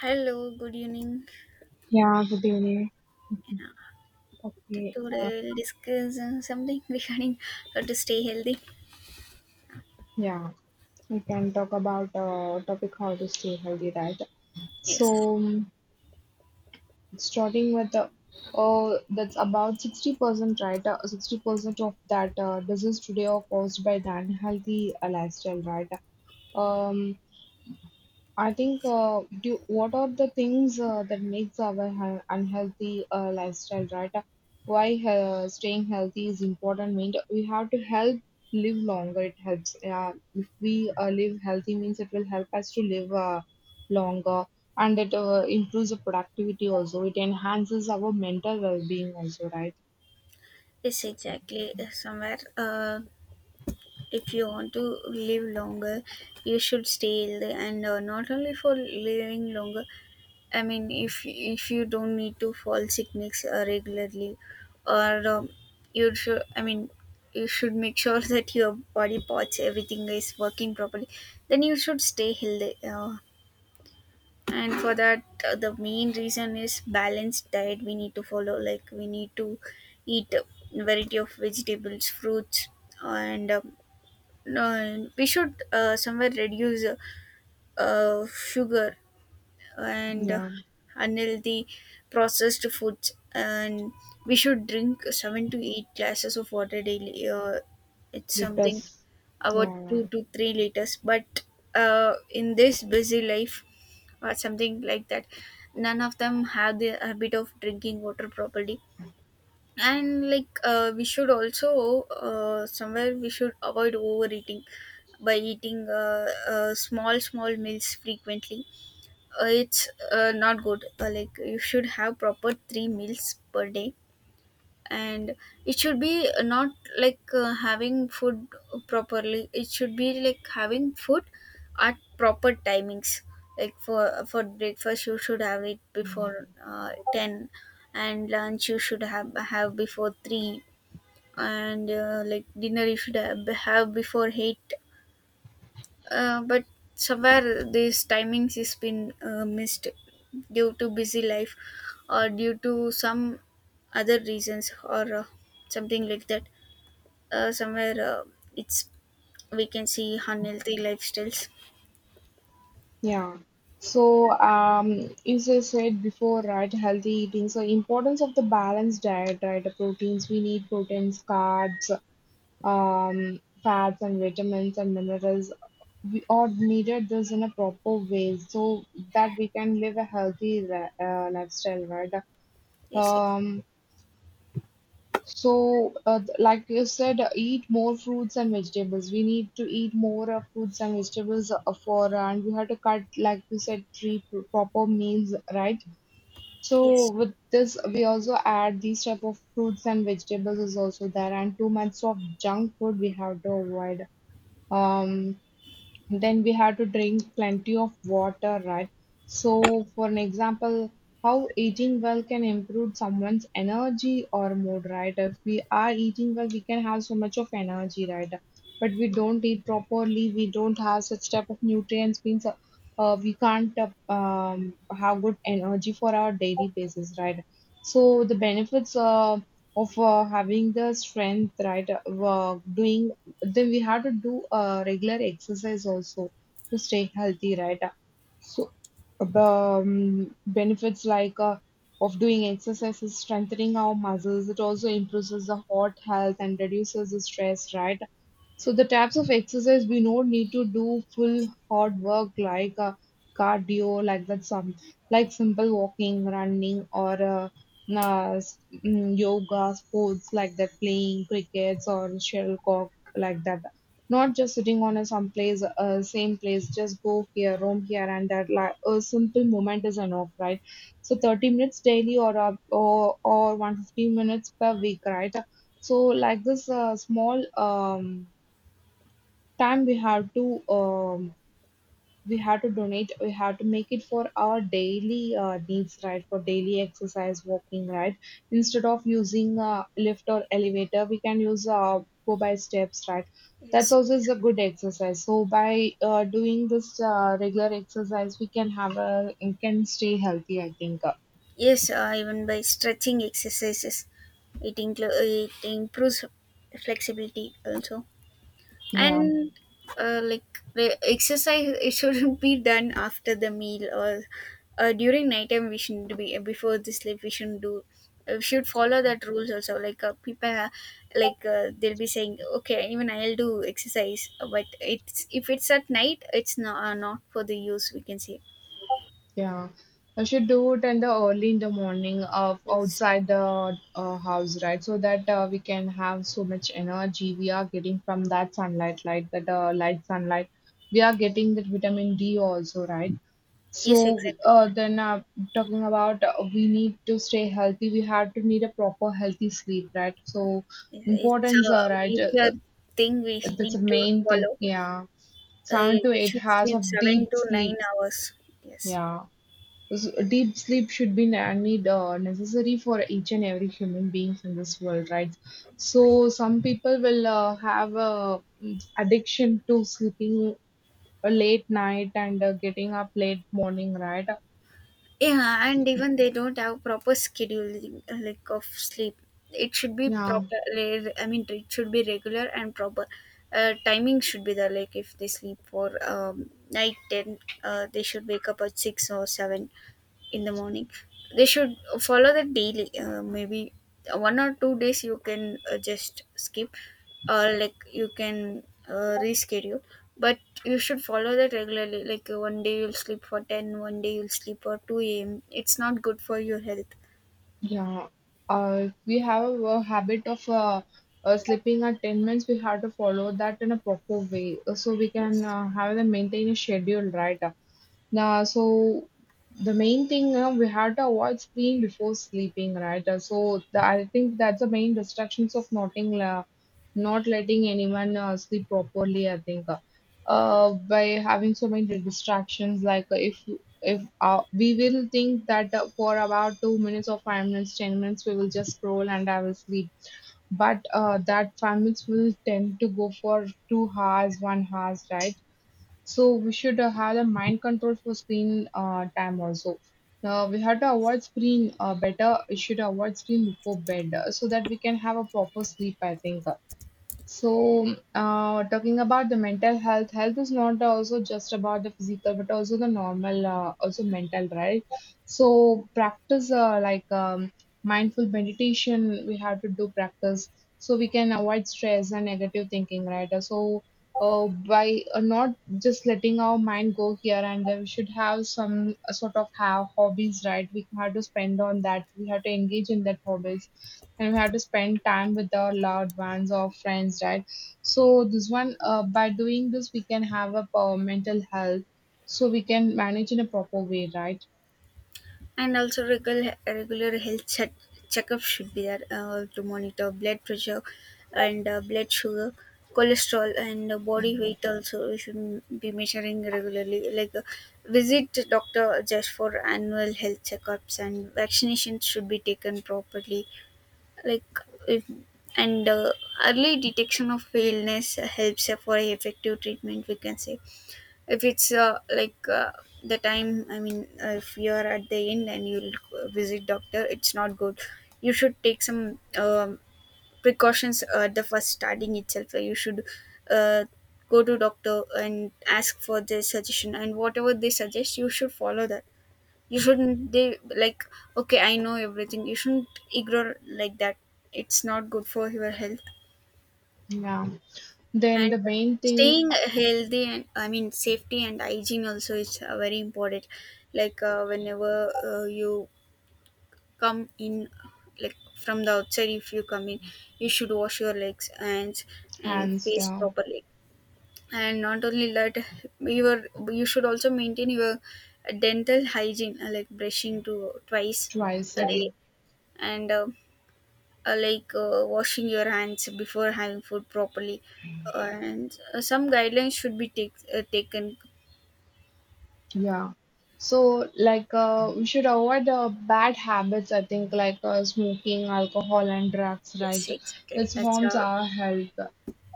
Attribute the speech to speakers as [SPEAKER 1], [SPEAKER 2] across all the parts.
[SPEAKER 1] Hello, good evening.
[SPEAKER 2] Yeah, good evening. Okay,
[SPEAKER 1] Today we'll discuss something regarding how to stay healthy.
[SPEAKER 2] yeah, we can talk about topic how to stay healthy, right?
[SPEAKER 1] Yes.
[SPEAKER 2] So, starting with oh, that's about 60%, right? 60% of that disease today are caused by the unhealthy lifestyle, right? Um, I think what are the things that makes our unhealthy lifestyle, right? Why staying healthy is important means we have to help live longer. It helps. Yeah, if we live healthy means it will help us to live longer, and it improves the productivity also. It enhances our mental well-being also, right?
[SPEAKER 1] Yes, exactly. Somewhere, if you want to live longer, you should stay healthy, and not only for living longer. I mean, if you don't need to fall sickness regularly, or you should, I mean, you should make sure that your body parts everything is working properly. Then you should stay healthy. And for that the main reason is balanced diet we need to follow, like we need to eat a variety of vegetables, fruits, and no, and we should somewhere reduce sugar and
[SPEAKER 2] Yeah,
[SPEAKER 1] unhealthy processed foods, and we should drink seven to eight glasses of water daily. It's
[SPEAKER 2] it
[SPEAKER 1] something
[SPEAKER 2] does.
[SPEAKER 1] about
[SPEAKER 2] Yeah, yeah.
[SPEAKER 1] 2 to 3 liters, but in this busy life or something like that, none of them have the habit of drinking water properly. And we should also somewhere we should avoid overeating by eating small small meals frequently. It's Not good. Like, you should have proper three meals per day, and it should be not having food properly. It should be like having food at proper timings, like for breakfast you should have it before 10, and lunch you should have before 3, and like dinner you should have before 8. But somewhere these timings is been missed due to busy life or due to some other reasons, or something like that. Uh, somewhere uh, it's we can see unhealthy lifestyles.
[SPEAKER 2] Yeah. So, as I said before, right, healthy eating. So, importance of the balanced diet, right? The proteins we need proteins, carbs, fats, and vitamins and minerals. We all needed this in a proper way so that we can live a healthy lifestyle, right?
[SPEAKER 1] Yes.
[SPEAKER 2] Um, like you said, eat more fruits and vegetables. We need to eat more fruits and vegetables and we have to cut, like you said, three proper meals, right? So,
[SPEAKER 1] Yes.
[SPEAKER 2] with this, we also add these type of fruits and vegetables is also there, and too much of junk food we have to avoid. Um, then we have to drink plenty of water, right? So for an example, how eating well can improve someone's energy or mood? Right, if we are eating well, we can have so much of energy, right? But we don't eat properly, we don't have such type of nutrients means we can't have good energy for our daily basis, right? So the benefits of having the strength, right? Doing then We had to do a regular exercise also to stay healthy, right? So, Benefits of doing exercise is strengthening our muscles. It also improves the heart health and reduces the stress, right? So the types of exercise we don't need to do full hard work like cardio, like that, some like simple walking, running, or yoga, sports like that, playing crickets or shuttlecock like that. Not just sitting on a same place, just go here, roam here, and that. Like a simple movement is enough, right? So 30 minutes daily, or 150 minutes per week, right? So like this small time we have to, um, we have to donate, we have to make it for our daily needs, right? For daily exercise walking, right? Instead of using lift or elevator, we can use go by steps, right? That's
[SPEAKER 1] Yes.
[SPEAKER 2] also is a good exercise. So by doing this regular exercise, we can have a, can stay healthy, I think.
[SPEAKER 1] Yes. Uh, even by stretching exercises, it improves flexibility also.
[SPEAKER 2] Yeah.
[SPEAKER 1] And like, the exercise, it shouldn't be done after the meal, or during nighttime, we shouldn't be, before the sleep we shouldn't do. We should follow that rules also. Like people are, they'll be saying, okay, even I'll do exercise, but it's, if it's at night, it's not for the use, we can say.
[SPEAKER 2] Yeah, I should do it in the early in the morning of
[SPEAKER 1] Yes,
[SPEAKER 2] outside the house, right? So that we can have so much energy we are getting from that sunlight, light that light sunlight. We are getting that vitamin D also, right?
[SPEAKER 1] yes,
[SPEAKER 2] So
[SPEAKER 1] exactly.
[SPEAKER 2] then talking about we need to stay healthy. We have to need a proper healthy sleep, right? So
[SPEAKER 1] It's a
[SPEAKER 2] importance, right?
[SPEAKER 1] major thing we
[SPEAKER 2] That's the
[SPEAKER 1] need to
[SPEAKER 2] main thing.
[SPEAKER 1] follow.
[SPEAKER 2] Yeah, seven to
[SPEAKER 1] We
[SPEAKER 2] eight
[SPEAKER 1] should
[SPEAKER 2] hours
[SPEAKER 1] sleep
[SPEAKER 2] of
[SPEAKER 1] seven
[SPEAKER 2] deep
[SPEAKER 1] to nine
[SPEAKER 2] sleep.
[SPEAKER 1] hours Yes.
[SPEAKER 2] Yeah. Deep sleep should be na- need necessary for each and every human beings in this world, right? So some people will have a addiction to sleeping late night and getting up late morning, right?
[SPEAKER 1] Yeah, and even they don't have proper scheduling like of sleep. It should be
[SPEAKER 2] Yeah,
[SPEAKER 1] proper. Like, I mean, it should be regular and proper. Timing should be there. Like, if they sleep for night ten, they should wake up at six or seven in the morning. They should follow that daily. Maybe one or two days you can just skip, or like, you can reschedule, but you should follow that regularly. Like one day you'll sleep for ten, one day you'll sleep for 2 a.m., it's not good for your health.
[SPEAKER 2] yeah. If we have a habit of sleeping at 10 minutes, we have to follow that in a proper way so we can
[SPEAKER 1] Yes.
[SPEAKER 2] have them maintain a schedule, right? Nah, so the main thing, you know, we had to avoid screen before sleeping, right? So the, I think that's the main restrictions of noting, not letting anyone sleep properly. I think by having so many distractions, like if we will think that for about 2 minutes or 5 minutes, 10 minutes, we will just scroll and I will sleep. But that 5 minutes will tend to go for 2 hours, 1 hours, right? So we should have a mind control for screen time also. Now we have to avoid screen better. We should avoid screen before bed so that we can have a proper sleep, I think. So, talking about the mental health, health is not also just about the physical, but also the normal, also mental, right? So, practice mindful meditation, we have to do practice so we can avoid stress and negative thinking, right? So, by not just letting our mind go here and there, we should have some have hobbies, right? We have to spend on that. We have to engage in that hobbies and we have to spend time with our loved ones or friends, right? So this one, by doing this, we can have a mental health, so we can manage in a proper way, right?
[SPEAKER 1] And also regular checkup should be there to monitor blood pressure and blood sugar, cholesterol, and body weight also we should be measuring regularly. Like visit the doctor just for annual health checkups, and vaccinations should be taken properly. Like if and Early detection of illness helps for effective treatment, we can say. If it's the time, I mean, if you're at the end and you'll visit doctor, it's not good. You should take some precautions at the first starting itself. Like, you should uh, go to doctor and ask for their suggestion, and whatever they suggest you should follow that. You shouldn't they like okay, I know everything. You shouldn't ignore like that. It's not good for your health.
[SPEAKER 2] Yeah. Then
[SPEAKER 1] And
[SPEAKER 2] the main thing,
[SPEAKER 1] staying healthy, and I mean safety and hygiene also is very important. Like whenever you come in, like, from the outside, if you come in, you should wash your legs, hands, and
[SPEAKER 2] hands,
[SPEAKER 1] face
[SPEAKER 2] yeah,
[SPEAKER 1] properly. And not only that, your you should also maintain your dental hygiene, like brushing to twice
[SPEAKER 2] twice
[SPEAKER 1] a
[SPEAKER 2] a
[SPEAKER 1] day.
[SPEAKER 2] day.
[SPEAKER 1] And washing your hands before having food properly, and some guidelines should be taken.
[SPEAKER 2] Yeah. So, like, we should avoid bad habits, I think, like smoking, alcohol, and drugs, right?
[SPEAKER 1] Yes, exactly.
[SPEAKER 2] This
[SPEAKER 1] that's
[SPEAKER 2] harms our health.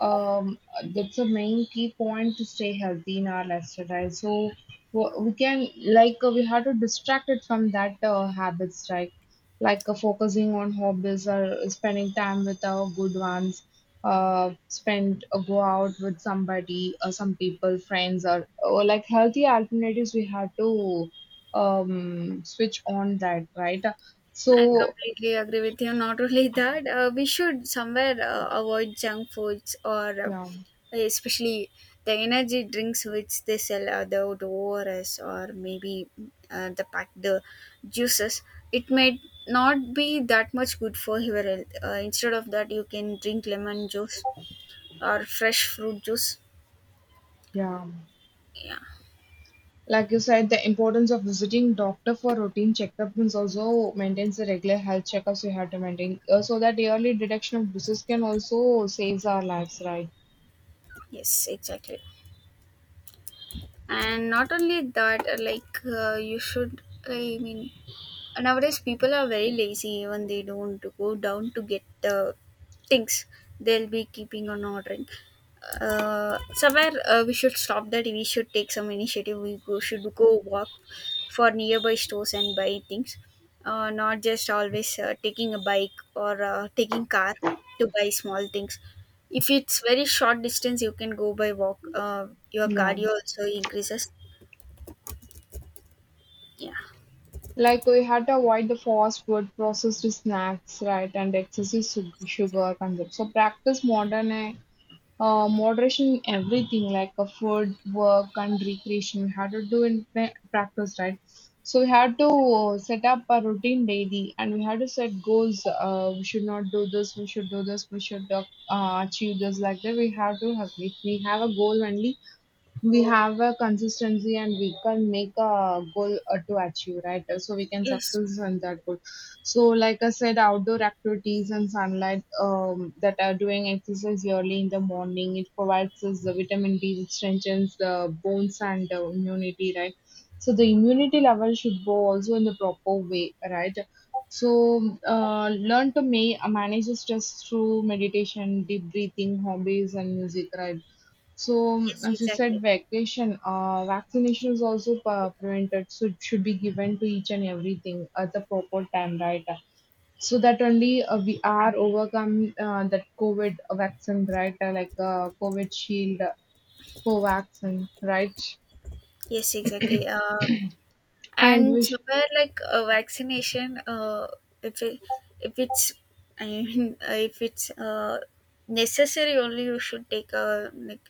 [SPEAKER 2] Um, that's a main key point to stay healthy in our lifestyle, right? So, we can, like, we have to distract it from that habits, right? Like focusing on hobbies or spending time with our good ones, spend go out with somebody or some people friends or like healthy alternatives we have to switch on that, right?
[SPEAKER 1] I
[SPEAKER 2] So,
[SPEAKER 1] completely agree with you. Not only that, we should somewhere avoid junk foods, or
[SPEAKER 2] yeah,
[SPEAKER 1] especially the energy drinks which they sell at the ors, or maybe the juices. It may not be that much good for your health. Uh, instead of that, you can drink lemon juice or fresh fruit juice.
[SPEAKER 2] yeah,
[SPEAKER 1] Yeah.
[SPEAKER 2] like you said, the importance of visiting doctor for routine checkups and also maintains the regular health checkups we have to maintain, so that early detection of disease can also saves our lives, right?
[SPEAKER 1] Yes, exactly. And not only that, you should, I mean, nowadays people are very lazy. Even they don't go down to get the things, they'll be keeping on ordering. Somewhere We should stop that. We should take some initiative. We should go walk for nearby stores and buy things. Uh, not just always taking a bike, or taking car to buy small things. If it's very short distance, you can go by walk. Your
[SPEAKER 2] Yeah.
[SPEAKER 1] cardio also increases. Yeah.
[SPEAKER 2] Like we had to avoid the fast food, processed snacks, right, and excessive sugar consumption. So practice modern moderation in everything, like a food, work, and recreation. We had to do in practice, right? So we had to set up a routine daily, and we had to set goals. We should not do this. We should do this. We should achieve this. Like that, we have to have. If we have a goal only, we have a consistency and we can make a goal to achieve, right? So we can
[SPEAKER 1] Yes.
[SPEAKER 2] success in that goal. So like I said, outdoor activities and sunlight, that are doing exercise early in the morning, it provides us the vitamin D, it strengthens the bones and immunity, right? So the immunity level should go also in the proper way, right? So learn to manage the stress through meditation, deep breathing, hobbies, and music, right? So,
[SPEAKER 1] Yes,
[SPEAKER 2] as you said,
[SPEAKER 1] exactly.
[SPEAKER 2] vacation, vaccination is also prevented, so it should be given to each and everything at the proper time, right? So that only we are overcome that COVID vaccine, right? Like COVID shield, co-vaccine, right?
[SPEAKER 1] Yes, exactly.
[SPEAKER 2] And we,
[SPEAKER 1] And somewhere, like, a vaccination, if it, if it's, I mean, if it's necessary, only you should take. A like,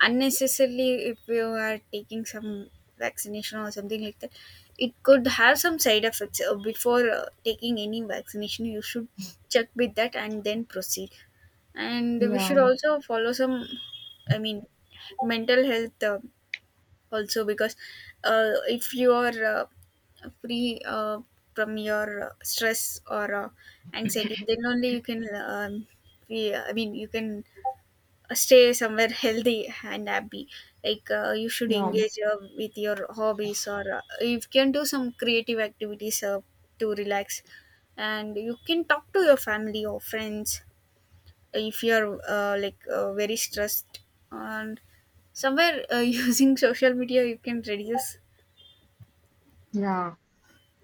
[SPEAKER 1] unnecessarily, if you are taking some vaccination or something like that, it could have some side effects. Before taking any vaccination, you should check with that and then proceed. And we should
[SPEAKER 2] yeah,
[SPEAKER 1] also follow some, I mean, mental health. Also because if you are free from your stress or anxiety, then only you can I mean, you can stay somewhere healthy and happy. Like you should
[SPEAKER 2] yeah,
[SPEAKER 1] engage with your hobbies, or you can do some creative activities to relax. And you can talk to your family or friends if you're very stressed. And somewhere, using social media, you can reduce.
[SPEAKER 2] yeah.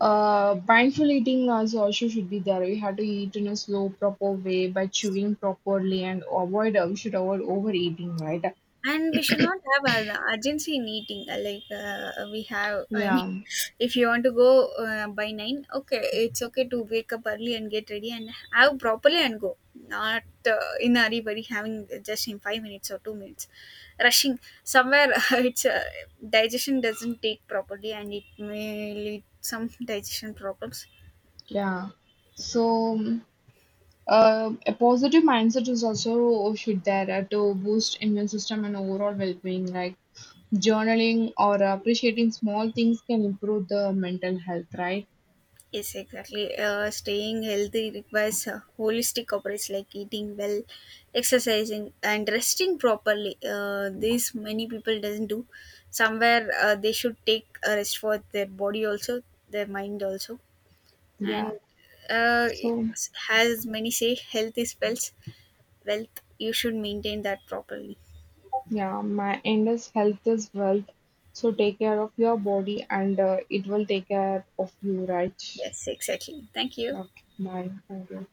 [SPEAKER 2] Mindful eating also should be there. We have to eat in a slow, proper way by chewing properly and avoid. We should avoid overeating, right?
[SPEAKER 1] And we should not have an urgency in eating. Uh, we have, I mean,
[SPEAKER 2] Yeah.
[SPEAKER 1] if you want to go by 9, okay, it's okay to wake up early and get ready and have properly and go, not in a hurry. But having just in 5 minutes or 2 minutes, rushing somewhere, it's digestion doesn't take properly, and it may lead some digestion problems.
[SPEAKER 2] Yeah. So, mm, a positive mindset is also should there to boost immune system and overall well-being. Like journaling or appreciating small things can improve the mental health, right?
[SPEAKER 1] Yes, exactly. Staying healthy requires holistic approach, like eating well, exercising, and resting properly. This many people doesn't do. Somewhere they should take a rest for their body also, their mind also, and
[SPEAKER 2] Yeah.
[SPEAKER 1] uh,
[SPEAKER 2] So,
[SPEAKER 1] as many say, health is wealth. Wealth. You should maintain that properly.
[SPEAKER 2] yeah, my end is health is wealth. So take care of your body, and it will take care of you, right?
[SPEAKER 1] Yes, exactly. Thank you.
[SPEAKER 2] Okay. Bye. Thank you.